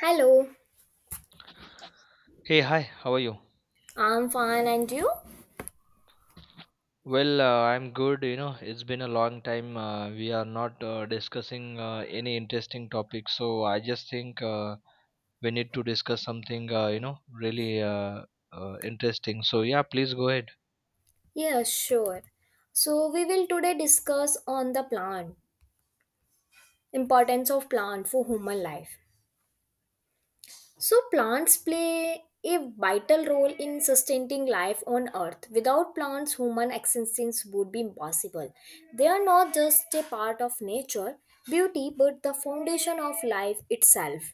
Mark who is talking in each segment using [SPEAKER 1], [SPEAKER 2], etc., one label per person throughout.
[SPEAKER 1] Hello.
[SPEAKER 2] Hey, hi, how are you?
[SPEAKER 1] I'm fine and you?
[SPEAKER 2] Well, I'm good. You know, it's been a long time. We are not discussing any interesting topic, so I just think. We need to discuss something, you know, really interesting. So, yeah, please go ahead.
[SPEAKER 1] Yeah, sure. So we will today discuss on the plant, importance of plant for human life. So plants play a vital role in sustaining life on earth. Without plants, human existence would be impossible. They are not just a part of nature, beauty, but the foundation of life itself.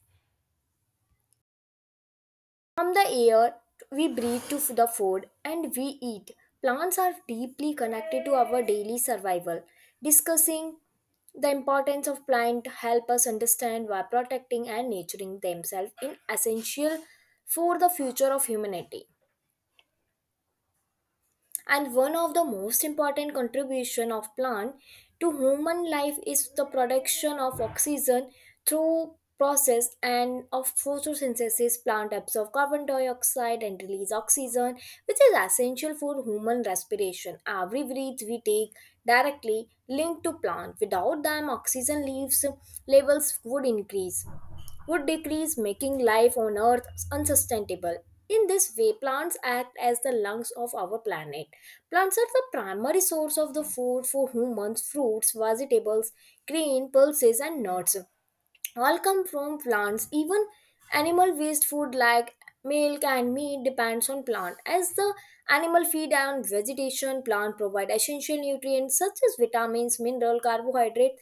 [SPEAKER 1] From the air we breathe to the food and we eat. Plants are deeply connected to our daily survival. Discussing the importance of plant help us understand why protecting and nurturing themselves is essential for the future of humanity, and one of the most important contribution of plant to human life is the production of oxygen. Through process and of photosynthesis, plant absorb carbon dioxide and release oxygen, which is essential for human respiration. Every breath we take directly linked to plant. Without them, oxygen leaves levels would increase, would decrease, making life on Earth unsustainable. In this way, plants act as the lungs of our planet. Plants are the primary source of the food for humans, fruits, vegetables, grain, pulses, and nuts. All come from plants. Even animal waste food like milk and meat depends on plant. As the animal feed on vegetation, plant provide essential nutrients such as vitamins, mineral, carbohydrate,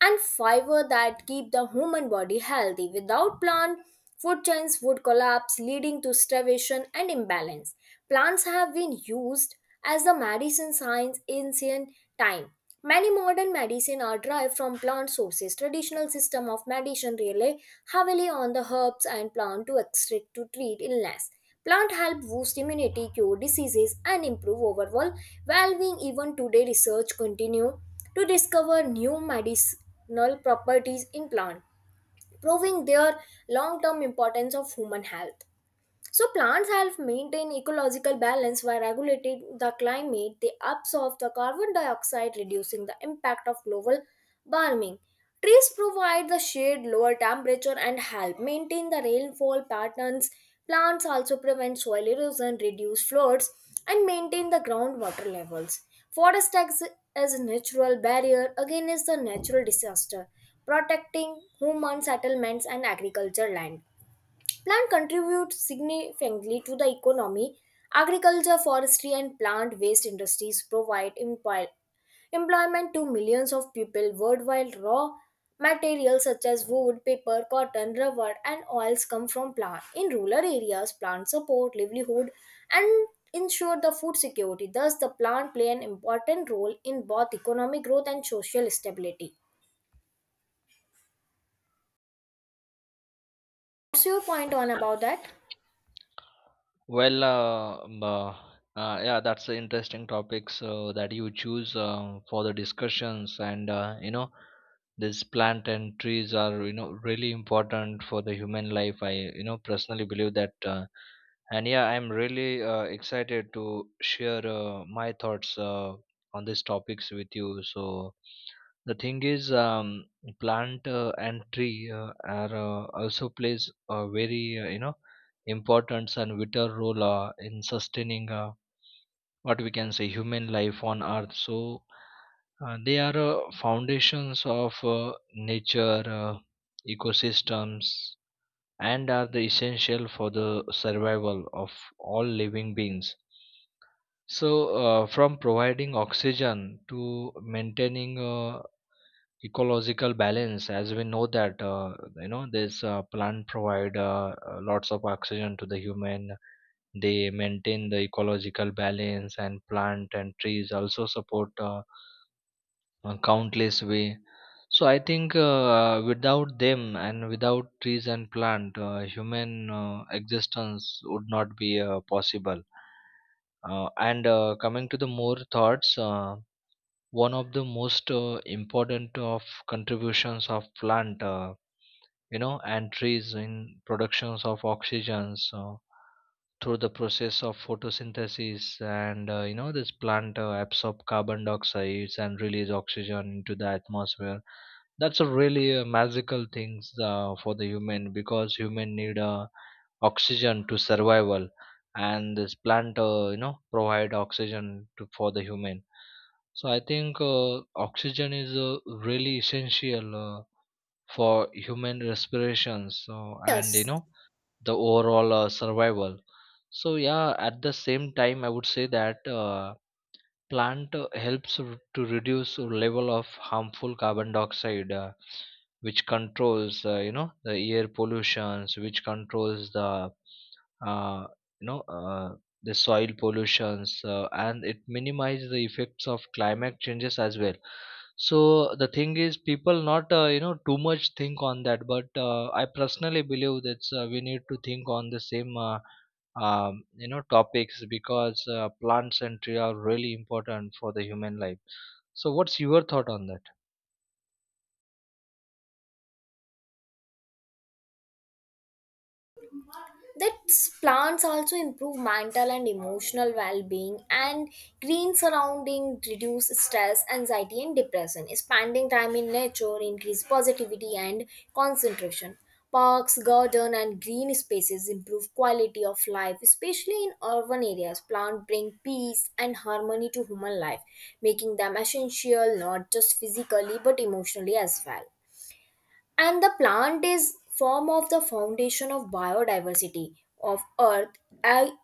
[SPEAKER 1] and fiber that keep the human body healthy. Without plant, food chains would collapse, leading to starvation and imbalance. Plants have been used as the medicine science in ancient time. Many modern medicine are derived from plant sources. Traditional system of medicine rely heavily on the herbs and plant to extract to treat illness. Plant help boost immunity, cure diseases, and improve overall well-being. Even today, research continue to discover new medicinal properties in plants, proving their long term importance of human health. So plants help maintain ecological balance by regulating the climate. They absorb the carbon dioxide, reducing the impact of global warming. Trees provide the shade, lower temperature, and help maintain the rainfall patterns. Plants also prevent soil erosion, reduce floods, and maintain the groundwater levels. Forest acts as a natural barrier against the natural disaster, protecting human settlements and agriculture land. Plant contribute significantly to the economy. Agriculture, forestry, and plant waste industries provide employment to millions of people worldwide. Raw materials such as wood, paper, cotton, rubber, and oils come from plants. In rural areas, plants support livelihood and ensure the food security. Thus, the plant play an important role in both economic growth and social stability. What's your point on about that?
[SPEAKER 2] Well, yeah, that's an interesting topic, so that you choose for the discussions, and you know, this plant and trees are, you know, really important for the human life. I, you know, personally believe that, and yeah, I'm really excited to share my thoughts on these topics with you. So the thing is, plant and tree are also plays a very you know, importance and vital role in sustaining what we can say human life on earth. So they are foundations of nature, ecosystems, and are the essential for the survival of all living beings. So from providing oxygen to maintaining ecological balance, as we know that, you know, this plant provide lots of oxygen to the human. They maintain the ecological balance, and plant and trees also support countless way. So I think without them and without trees and plant, human existence would not be possible. And coming to the more thoughts, one of the most important of contributions of plant, you know, and trees in productions of oxygen. So through the process of photosynthesis, and you know, this plant absorb carbon dioxide and release oxygen into the atmosphere. That's a really magical things for the human, because human need oxygen to survival, and this plant, you know, provide oxygen for the human. So I think oxygen is really essential for human respiration. So, and you
[SPEAKER 1] Yes.
[SPEAKER 2] know, the overall survival. So yeah, at the same time, I would say that. Plant helps to reduce the level of harmful carbon dioxide, which controls, you know, the air pollutions, which controls the uh, you know, the soil pollutions, and it minimizes the effects of climate changes as well. So the thing is, people not, you know, too much think on that, but I personally believe that we need to think on the same. You know, topics, because plants and tree are really important for the human life. So what's your thought on that?
[SPEAKER 1] That plants also improve mental and emotional well-being, and green surrounding reduce stress, anxiety, and depression. Spending time in nature increase positivity and concentration. Parks, garden, and green spaces improve quality of life, especially in urban areas. Plants bring peace and harmony to human life, making them essential not just physically but emotionally as well. And the plant is form of the foundation of biodiversity of earth. I-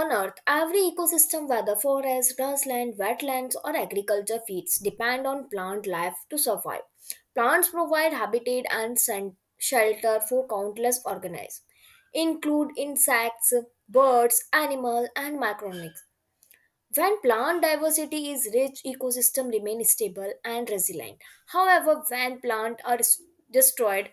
[SPEAKER 1] on earth, every ecosystem, whether forest, grassland, wetlands, or agriculture feeds, depend on plant life to survive. Plants provide habitat and shelter for countless organisms, include insects, birds, animals, and microorganisms. When plant diversity is rich, ecosystem remain stable and resilient. However, when plants are destroyed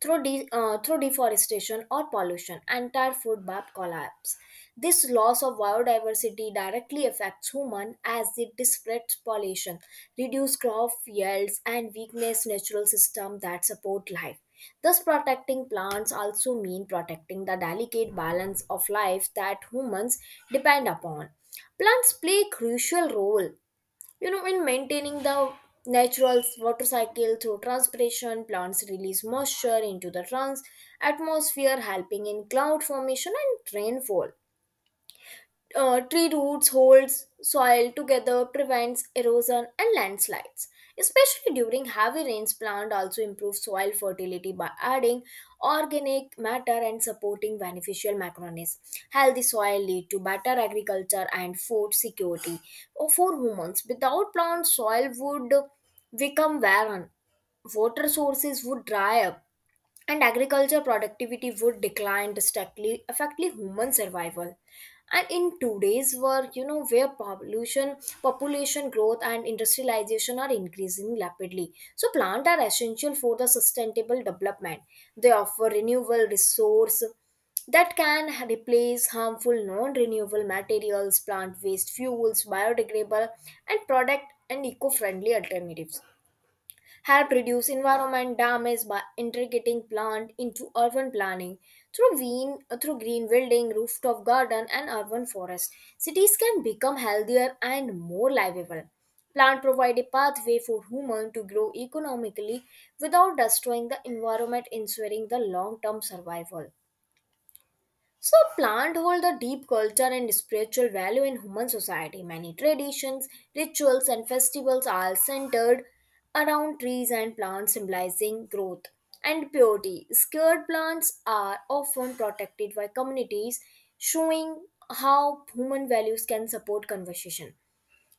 [SPEAKER 1] through, through deforestation or pollution, entire food web collapse. This loss of biodiversity directly affects human as it disrupts pollution, reduce crop yields, and weakness natural system that support life. Thus, protecting plants also mean protecting the delicate balance of life that humans depend upon. Plants play a crucial role, you know, in maintaining the natural water cycle. Through transpiration, plants release moisture into the trans atmosphere, helping in cloud formation and rainfall. Tree roots holds soil together, prevents erosion and landslides, especially during heavy rains. Plant also improve soil fertility by adding organic matter and supporting beneficial microorganisms. Healthy soil lead to better agriculture and food security for humans. Without plants, soil would become barren, water sources would dry up, and agriculture productivity would decline drastically, affecting human survival. And in today's world, you know, where population growth and industrialization are increasing rapidly, so plants are essential for the sustainable development. They offer renewable resource that can replace harmful non-renewable materials. Plant based fuels, biodegradable and product, and eco-friendly alternatives help reduce environment damage by integrating plant into urban planning, through green building, rooftop garden, and urban forest. Cities can become healthier and more livable. Plant provide a pathway for human to grow economically without destroying the environment, ensuring the long term survival. So, plant hold a deep cultural and spiritual value in human society. Many traditions, rituals, and festivals are centered around trees and plants, symbolizing growth and purity. Scared plants are often protected by communities, showing how human values can support conversation.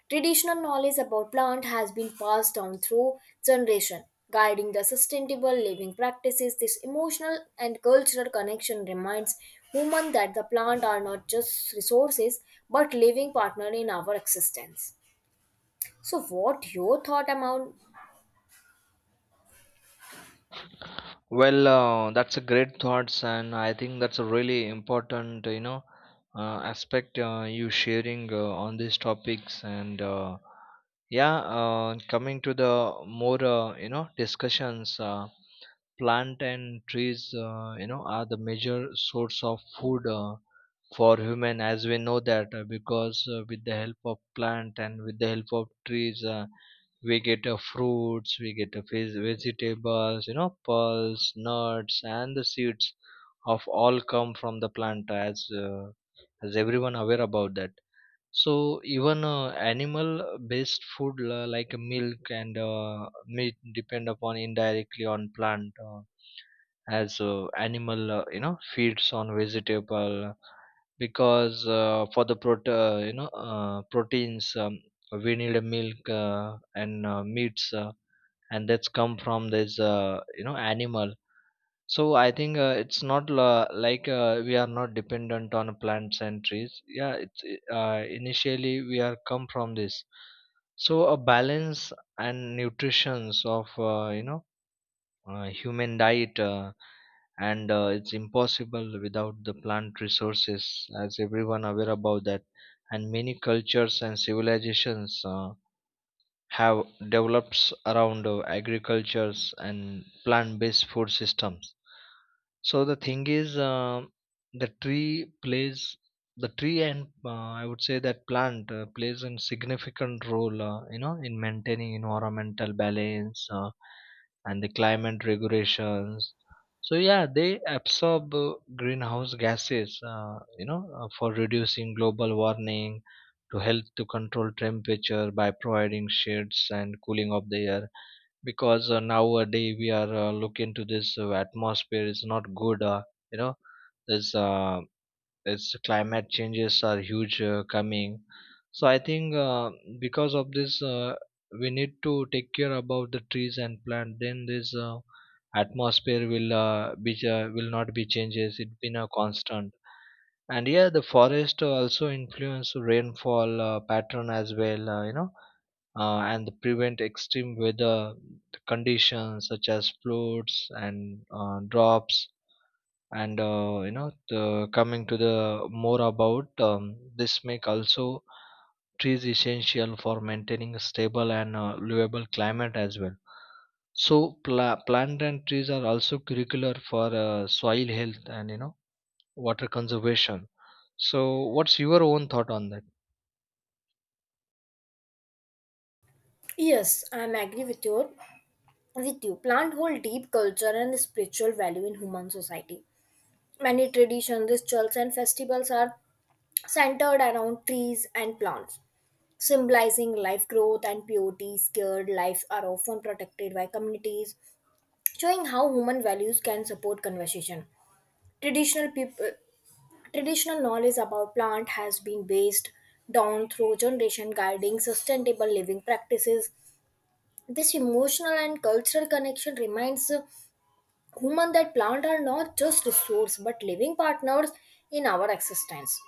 [SPEAKER 1] Traditional knowledge about plant has been passed down through generation, guiding the sustainable living practices. This emotional and cultural connection reminds human that the plant are not just resources but living partner in our existence. So what your thought about?
[SPEAKER 2] Well, that's a great thoughts, and I think that's a really important, you know, aspect you sharing on these topics, and yeah, coming to the more you know, discussions, plant and trees, you know, are the major source of food for human, as we know that. Because with the help of plant and with the help of trees, we get fruits, we get vegetables, you know, pearls, nuts, and the seeds of all come from the plant, as everyone aware about that. So even animal based food like milk and meat depend upon indirectly on plant, as animal, you know, feeds on vegetable, because for the you know, proteins, we need a milk and meats, and that's come from this, you know, animal. So I think it's not like, we are not dependent on plants and trees. Yeah, it's initially we are come from this. So a balance and nutritions of, you know, human diet, and it's impossible without the plant resources, as everyone aware about that. And many cultures and civilizations. Have developed around agricultures and plant-based food systems. So the thing is, the tree plays, the tree and, I would say that plant plays a significant role, you know, in maintaining environmental balance and the climate regulations. So yeah, they absorb greenhouse gases, you know, for reducing global warming, to help to control temperature by providing shades and cooling of the air. Because nowadays we are looking to this atmosphere is not good, you know, there's its climate changes are huge coming. So I think, because of this, we need to take care about the trees and plant, then this atmosphere will be will not be changes, it been a constant. And yeah, the forest also influence rainfall pattern as well, you know, and prevent extreme weather conditions such as floods and drops. And you know, coming to the more about, this make also trees essential for maintaining a stable and livable climate as well. So plant and trees are also curricular for soil health and, you know, water conservation. So what's your own thought on that?
[SPEAKER 1] Yes, I'm agree with your with you. Plant hold deep culture and spiritual value in human society. Many traditions, rituals, and festivals are centered around trees and plants, symbolizing life, growth, and purity. Scared lives are often protected by communities, showing how human values can support conversation. Traditional people, Traditional knowledge about plant has been based down through generation, guiding sustainable living practices. This emotional and cultural connection reminds human that plants are not just resource but living partners in our existence.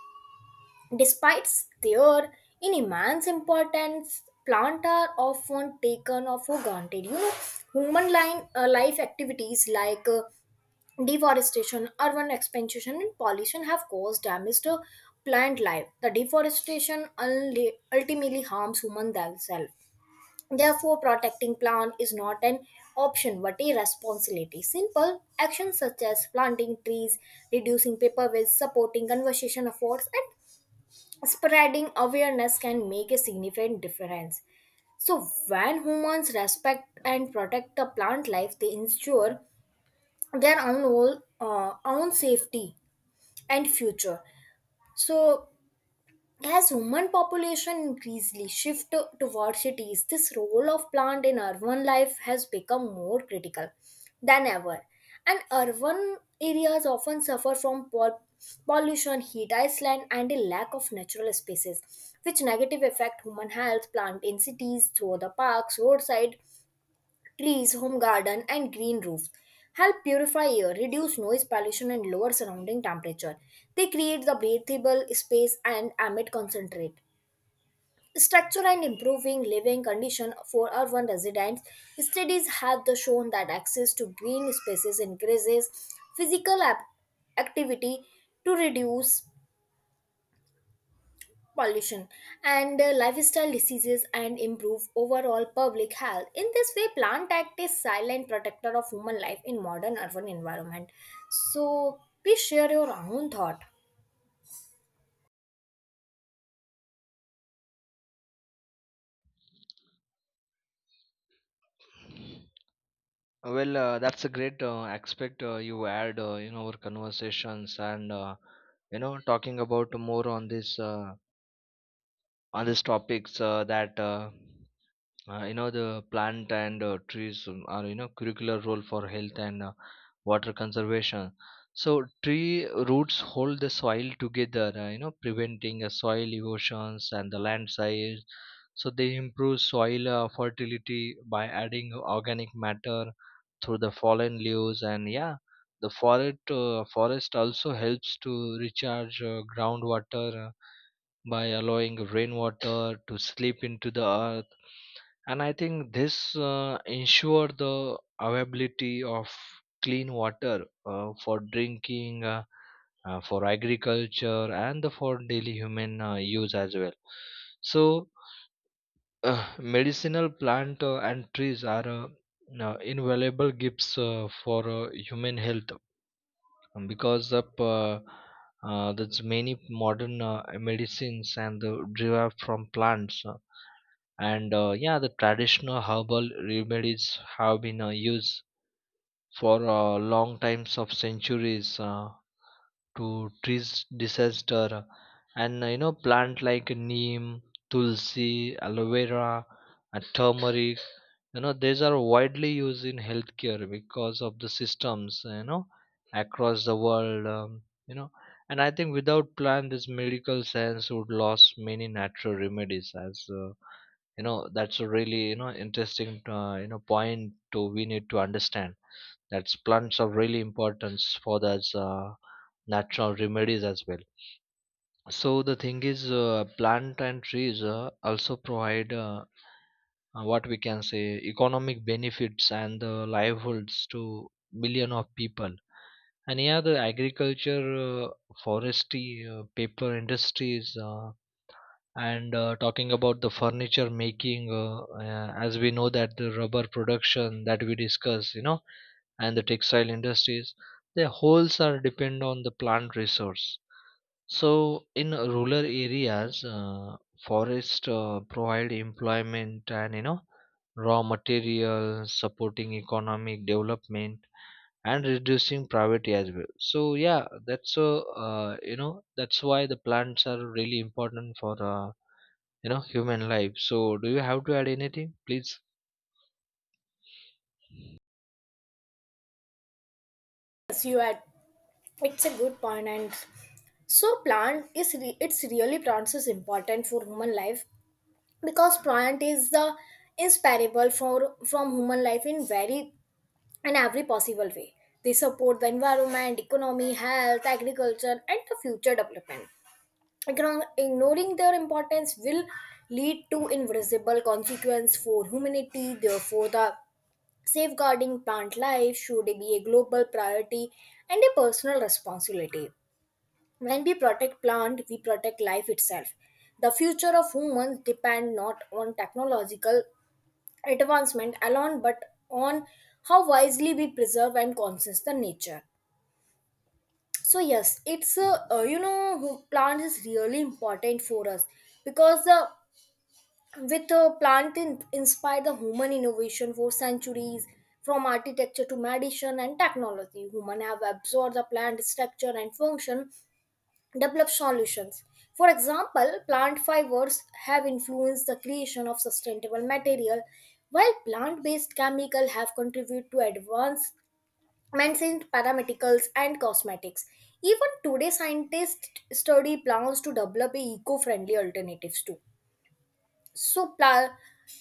[SPEAKER 1] Despite their in immense importance, plants are often taken for granted. You know, life activities like deforestation, urban expansion, and pollution have caused damage to plant life. The deforestation ultimately harms human themselves. Therefore, protecting plant is not an option but a responsibility. Simple actions such as planting trees, reducing paper waste, supporting conservation efforts, and spreading awareness can make a significant difference. So, when humans respect and protect the plant life, they ensure their own, own safety and future. So, as human population increasingly toward cities, this role of plant in urban life has become more critical than ever. And urban areas often suffer from pollution, heat island, and a lack of natural spaces, which negative affect human health. Plant in cities, through the parks, roadside, trees, home garden, and green roofs help purify air, reduce noise pollution, and lower surrounding temperature. They create the breathable space and emit concentrate. Structure and improving living condition for urban residents. Studies have the shown that access to green spaces increases physical ap- activity to reduce pollution and lifestyle diseases and improve overall public health. In this way, plant act is silent protector of human life in modern urban environment. So please share your own thought.
[SPEAKER 2] Well, that's a great aspect you add in our conversations, and you know, talking about more on this, on these topics, that, you know, the plant and trees, are, you know, curricular role for health and water conservation. So tree roots hold the soil together, you know, preventing soil erosions and the landslides. So they improve soil fertility by adding organic matter through the fallen leaves. And yeah, the forest also helps to recharge groundwater by allowing rainwater to slip into the earth, and I think this ensure the availability of clean water for drinking, for agriculture and the for daily human use as well. So medicinal plant and trees are invaluable gifts for human health, because of that's many modern medicines and the derived from plants, and yeah, the traditional herbal remedies have been used for long times of centuries to treat disaster. And you know, plant like neem, tulsi, aloe vera, turmeric, you know, these are widely used in healthcare because of the systems, you know, across the world, you know, and I think without plan this medical science would lose many natural remedies. As you know, that's a really, you know, interesting, you know, point to we need to understand that plants are really important for those natural remedies as well. So the thing is, plant and trees also provide what we can say economic benefits and livelihoods to million of people. And yeah, the agriculture, forestry, paper industries, and talking about the furniture making, as we know that the rubber production that we discuss, you know, and the textile industries, their wholes are depend on the plant resource. So, in rural areas, forests provide employment and, you know, raw material, supporting economic development and reducing poverty as well. So, yeah, that's you know, that's why the plants are really important for, you know, human life. So, do you have to add anything, please?
[SPEAKER 1] Yes, you had. It's a good point. And so plant is it's really plants is important for human life because plant is the inseparable for from human life in very in every possible way. They support the environment, economy, health, agriculture, and the future development. Ignoring their importance will lead to invisible consequence for humanity. Therefore, the safeguarding plant life should be a global priority and a personal responsibility. When we protect plant, we protect life itself. The future of humans depend not on technological advancement alone but on how wisely we preserve and consist the nature. So yes, it's a, you know who- plant is really important for us because the with the inspired the human innovation for centuries. From architecture to medicine and technology, human have absorbed the plant structure and function, develop solutions. For example, plant fibers have influenced the creation of sustainable material, while plant-based chemicals have contributed to advancements in pharmaceuticals and cosmetics. Even today, scientists study plants to develop eco-friendly alternatives too. So plastic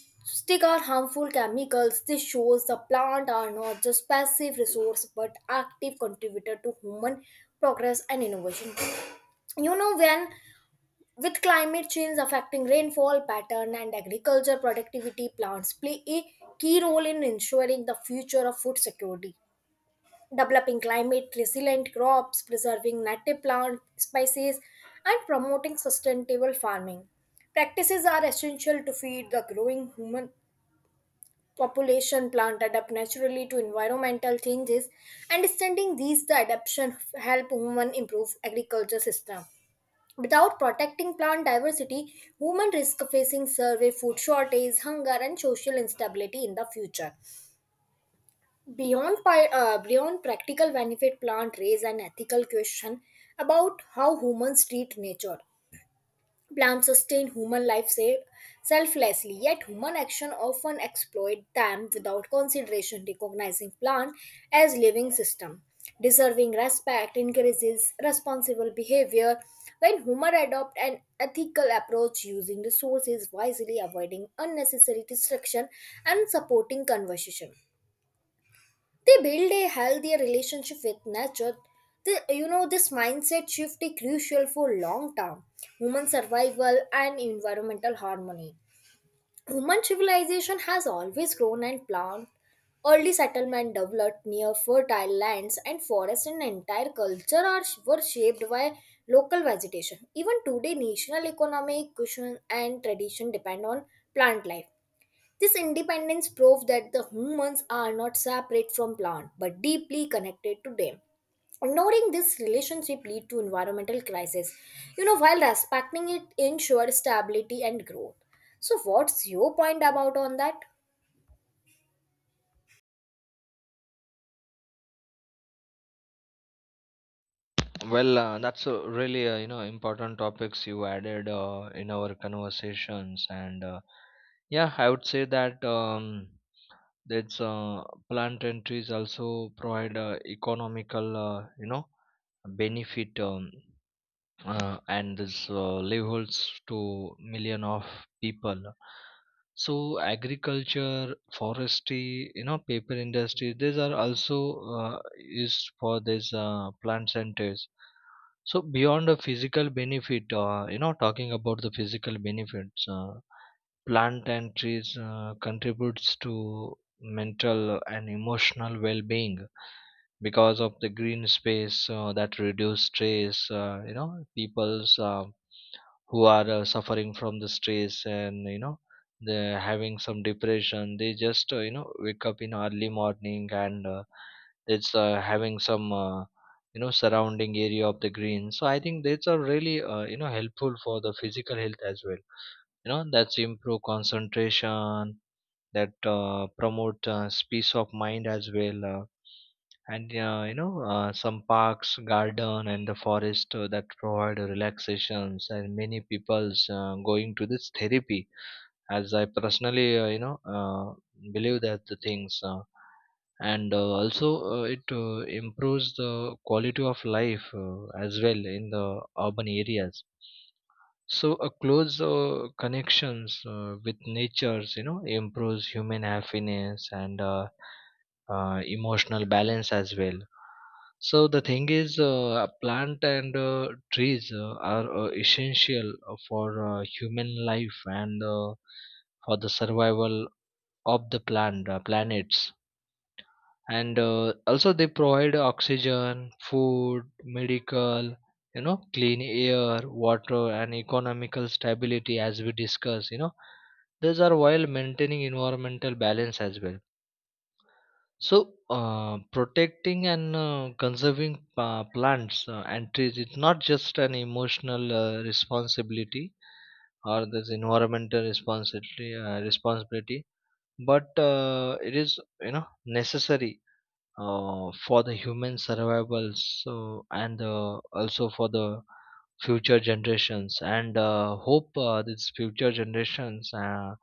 [SPEAKER 1] are harmful chemicals. This shows the plant are not just passive resource but active contributor to human progress and innovation. You know, when with climate change affecting rainfall pattern and agriculture productivity, plants play a key role in ensuring the future of food security. Developing climate resilient crops, preserving native plant species, and promoting sustainable farming practices are essential to feed the growing human population. Plant adapt naturally to environmental changes, and extending the adaptation help human improve agriculture system. Without protecting plant diversity, women risk facing survey, food shortage, hunger, and social instability in the future. Beyond practical benefit, plant raise an ethical question about how humans treat nature. Plants sustain human life selflessly, yet human action often exploit them without consideration. Recognizing plant as living system deserving respect encourages responsible behavior. When human adopt an ethical approach, using resources wisely, avoiding unnecessary destruction, and supporting conservation, they build a healthier relationship with nature. The, you know This mindset shift is crucial for long term human survival and environmental harmony. Human civilization has always grown and planned. Early settlement developed near fertile lands and forests, and entire culture are were shaped by local vegetation. Even today, national economic cushion and tradition depend on plant life. This independence proved that the humans are not separate from plants, but deeply connected to them. Ignoring this relationship lead to environmental crisis. You know, while respecting it ensures stability and growth. So, what's your point about on that?
[SPEAKER 2] Well, that's a really, you know, important topics you added in our conversations, and yeah, I would say that. That's plant and trees also provide economical, you know, benefit, and this livelihoods to million of people. So agriculture, forestry, you know, paper industry, these are also used for this plant centers. So beyond the physical benefit, you know, talking about the physical benefits, plant and trees contributes to mental and emotional well-being, because of the green space that reduce stress, you know, people's who are suffering from the stress, and you know, they're having some depression, they just, you know, wake up in early morning, and it's having some, you know, surrounding area of the green. So I think that's a really, you know, helpful for the physical health as well. You know, that's improve concentration, that promote peace of mind as well, and you know, some parks, garden, and the forest that provide relaxations, and many people's going to this therapy, as I personally, you know, believe that the things, and also it improves the quality of life as well in the urban areas. So a close connections with natures, you know, improves human happiness and emotional balance as well. So the thing is, a plant and trees are essential for human life and for the survival of the plant planets, and also they provide oxygen, food, medical, you know, clean air, water, and economical stability, as we discuss, you know, these are while maintaining environmental balance as well. So protecting and conserving plants and trees, it's not just an emotional responsibility or this environmental responsibility, but it is, you know, necessary for the human survival. So, and also for the future generations, and hope these future generations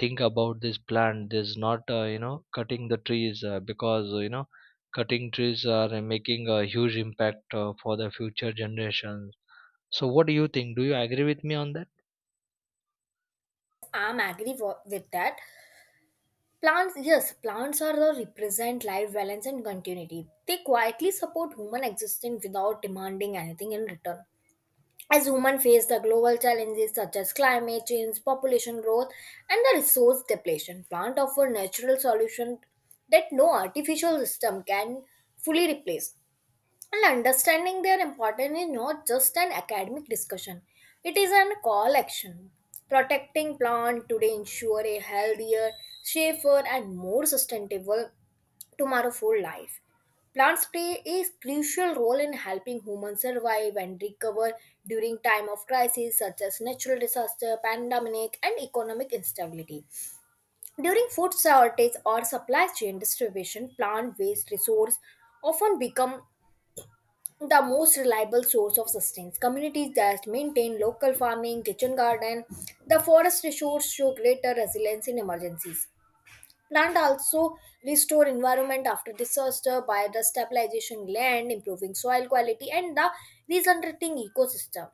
[SPEAKER 2] think about this plant. This not, you know, cutting the trees because, you know, cutting trees are making a huge impact for the future generations. So what do you think, do you agree with me on that?
[SPEAKER 1] I'm agree with that. Plants, yes, plants are the represent life balance and continuity. They quietly support human existence without demanding anything in return. As humans face the global challenges such as climate change, population growth, and the resource depletion, plants offer natural solutions that no artificial system can fully replace. And understanding their importance is not just an academic discussion, it is a call action. Protecting plant today ensure a healthier, safer, and more sustainable tomorrow for life. Plants play a crucial role in helping humans survive and recover during time of crisis such as natural disaster, pandemic, and economic instability. During food shortage or supply chain distribution, plant-based resources often become the most reliable source of sustenance. Communities that maintain local farming, kitchen garden, the forest resource show greater resilience in emergencies. Plant also restore environment after disaster by the stabilization land, improving soil quality, and the regenerating ecosystem.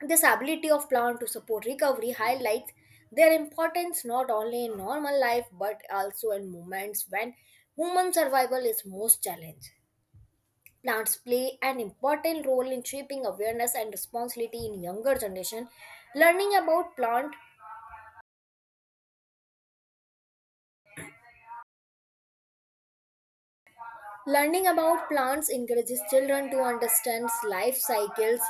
[SPEAKER 1] This ability of plant to support recovery highlights their importance not only in normal life but also in moments when human survival is most challenged. Plants play an important role in shaping awareness and responsibility in younger generation. Learning about plant Learning about plants encourages children to understand life cycles,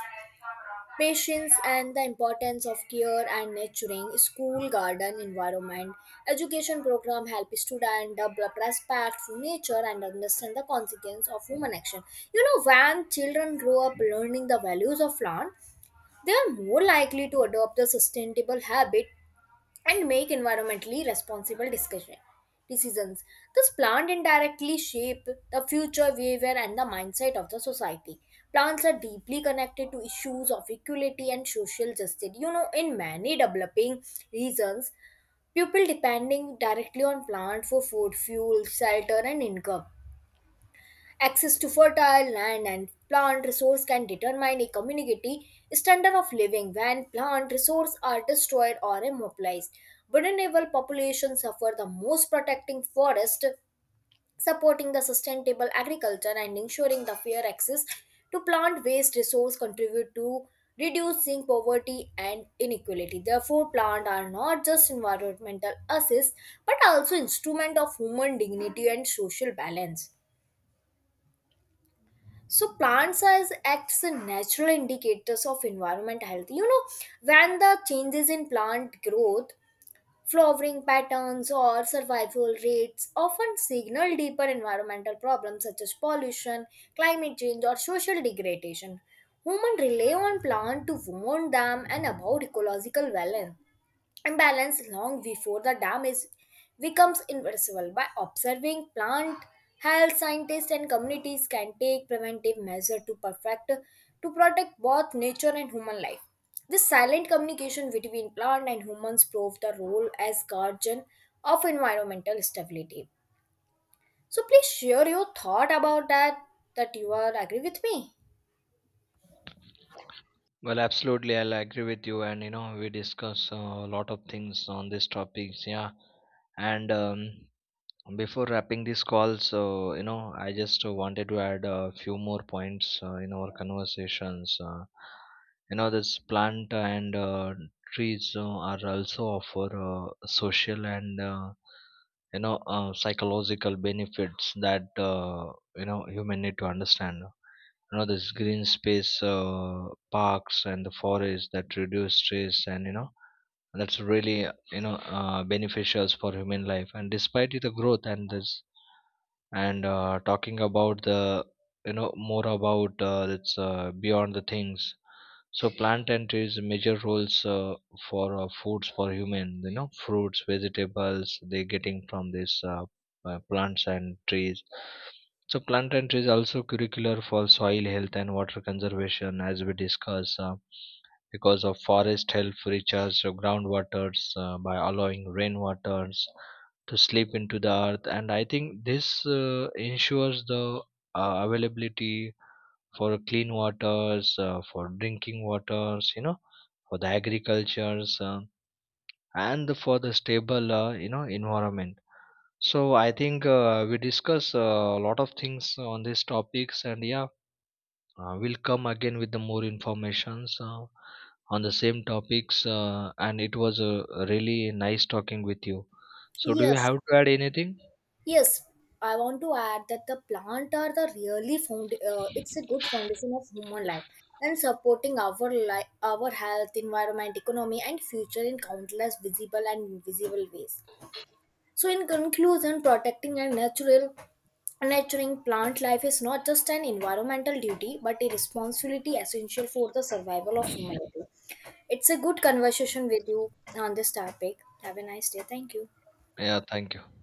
[SPEAKER 1] patience and the importance of care and nurturing. School garden environment education program help students develop respect for nature and understand the consequence of human action. You know, when children grow up learning the values of plant, they are more likely to adopt a sustainable habit and make environmentally responsible decisions. Thus, plant indirectly shape the future behavior and the mindset of the society. Plants are deeply connected to issues of equality and social justice. You know, in many developing regions, people depending directly on plants for food, fuel, shelter, and income. Access to fertile land and plant resource can determine a community standard of living. When plant resources are destroyed or immobilized, vulnerable populations suffer the most. Protecting forest, supporting the sustainable agriculture and ensuring the fair access to plant waste resource contribute to reducing poverty and inequality. Therefore, plants are not just environmental assets but also instrument of human dignity and social balance. So plants as acts as natural indicators of environment health. You know, when the changes in plant growth, flowering patterns or survival rates often signal deeper environmental problems such as pollution, climate change, or social degradation. Humans rely on plants to warn them and about ecological balance imbalance long before the damage becomes irreversible. By observing plant health, scientists and communities can take preventive measures to perfect to protect both nature and human life. This silent communication between plant and humans prove the role as guardian of environmental stability. So please share your thought about that, that you are agree with me.
[SPEAKER 2] Well, absolutely, I'll agree with you, and you know, we discuss a lot of things on these topics. Yeah, and before wrapping this call, so you know, I just wanted to add a few more points in our conversations. You know, this plant and trees are also offer social and, you know, psychological benefits that, you know, human need to understand. You know, this green space, parks, and the forest that reduce stress, and you know, that's really, you know, beneficials for human life. And despite the growth and this, and talking about the, you know, more about, it's beyond the things. So plant entries major roles for foods for human, you know, fruits, vegetables, they're getting from these, plants and trees. So plant and trees also curricular for soil health and water conservation, as we discuss. Because of forest help recharge the groundwaters by allowing rainwaters to slip into the earth, and I think this ensures the availability for clean waters, for drinking waters, you know, for the agricultures, and for the stable, you know, environment. So I think we discuss a lot of things on these topics, and yeah, we'll come again with the more informations on the same topics. And it was really nice talking with you. So do you
[SPEAKER 1] Yes,
[SPEAKER 2] have to add anything?
[SPEAKER 1] yes. I want to add that the plant are the really found. It's a good foundation of human life and supporting our life, our health, environment, economy, and future in countless visible and invisible ways. So, in conclusion, protecting and natural nurturing plant life is not just an environmental duty but a responsibility essential for the survival of humanity. It's a good conversation with you on this topic. Have a nice day. Thank you.
[SPEAKER 2] Yeah, thank you.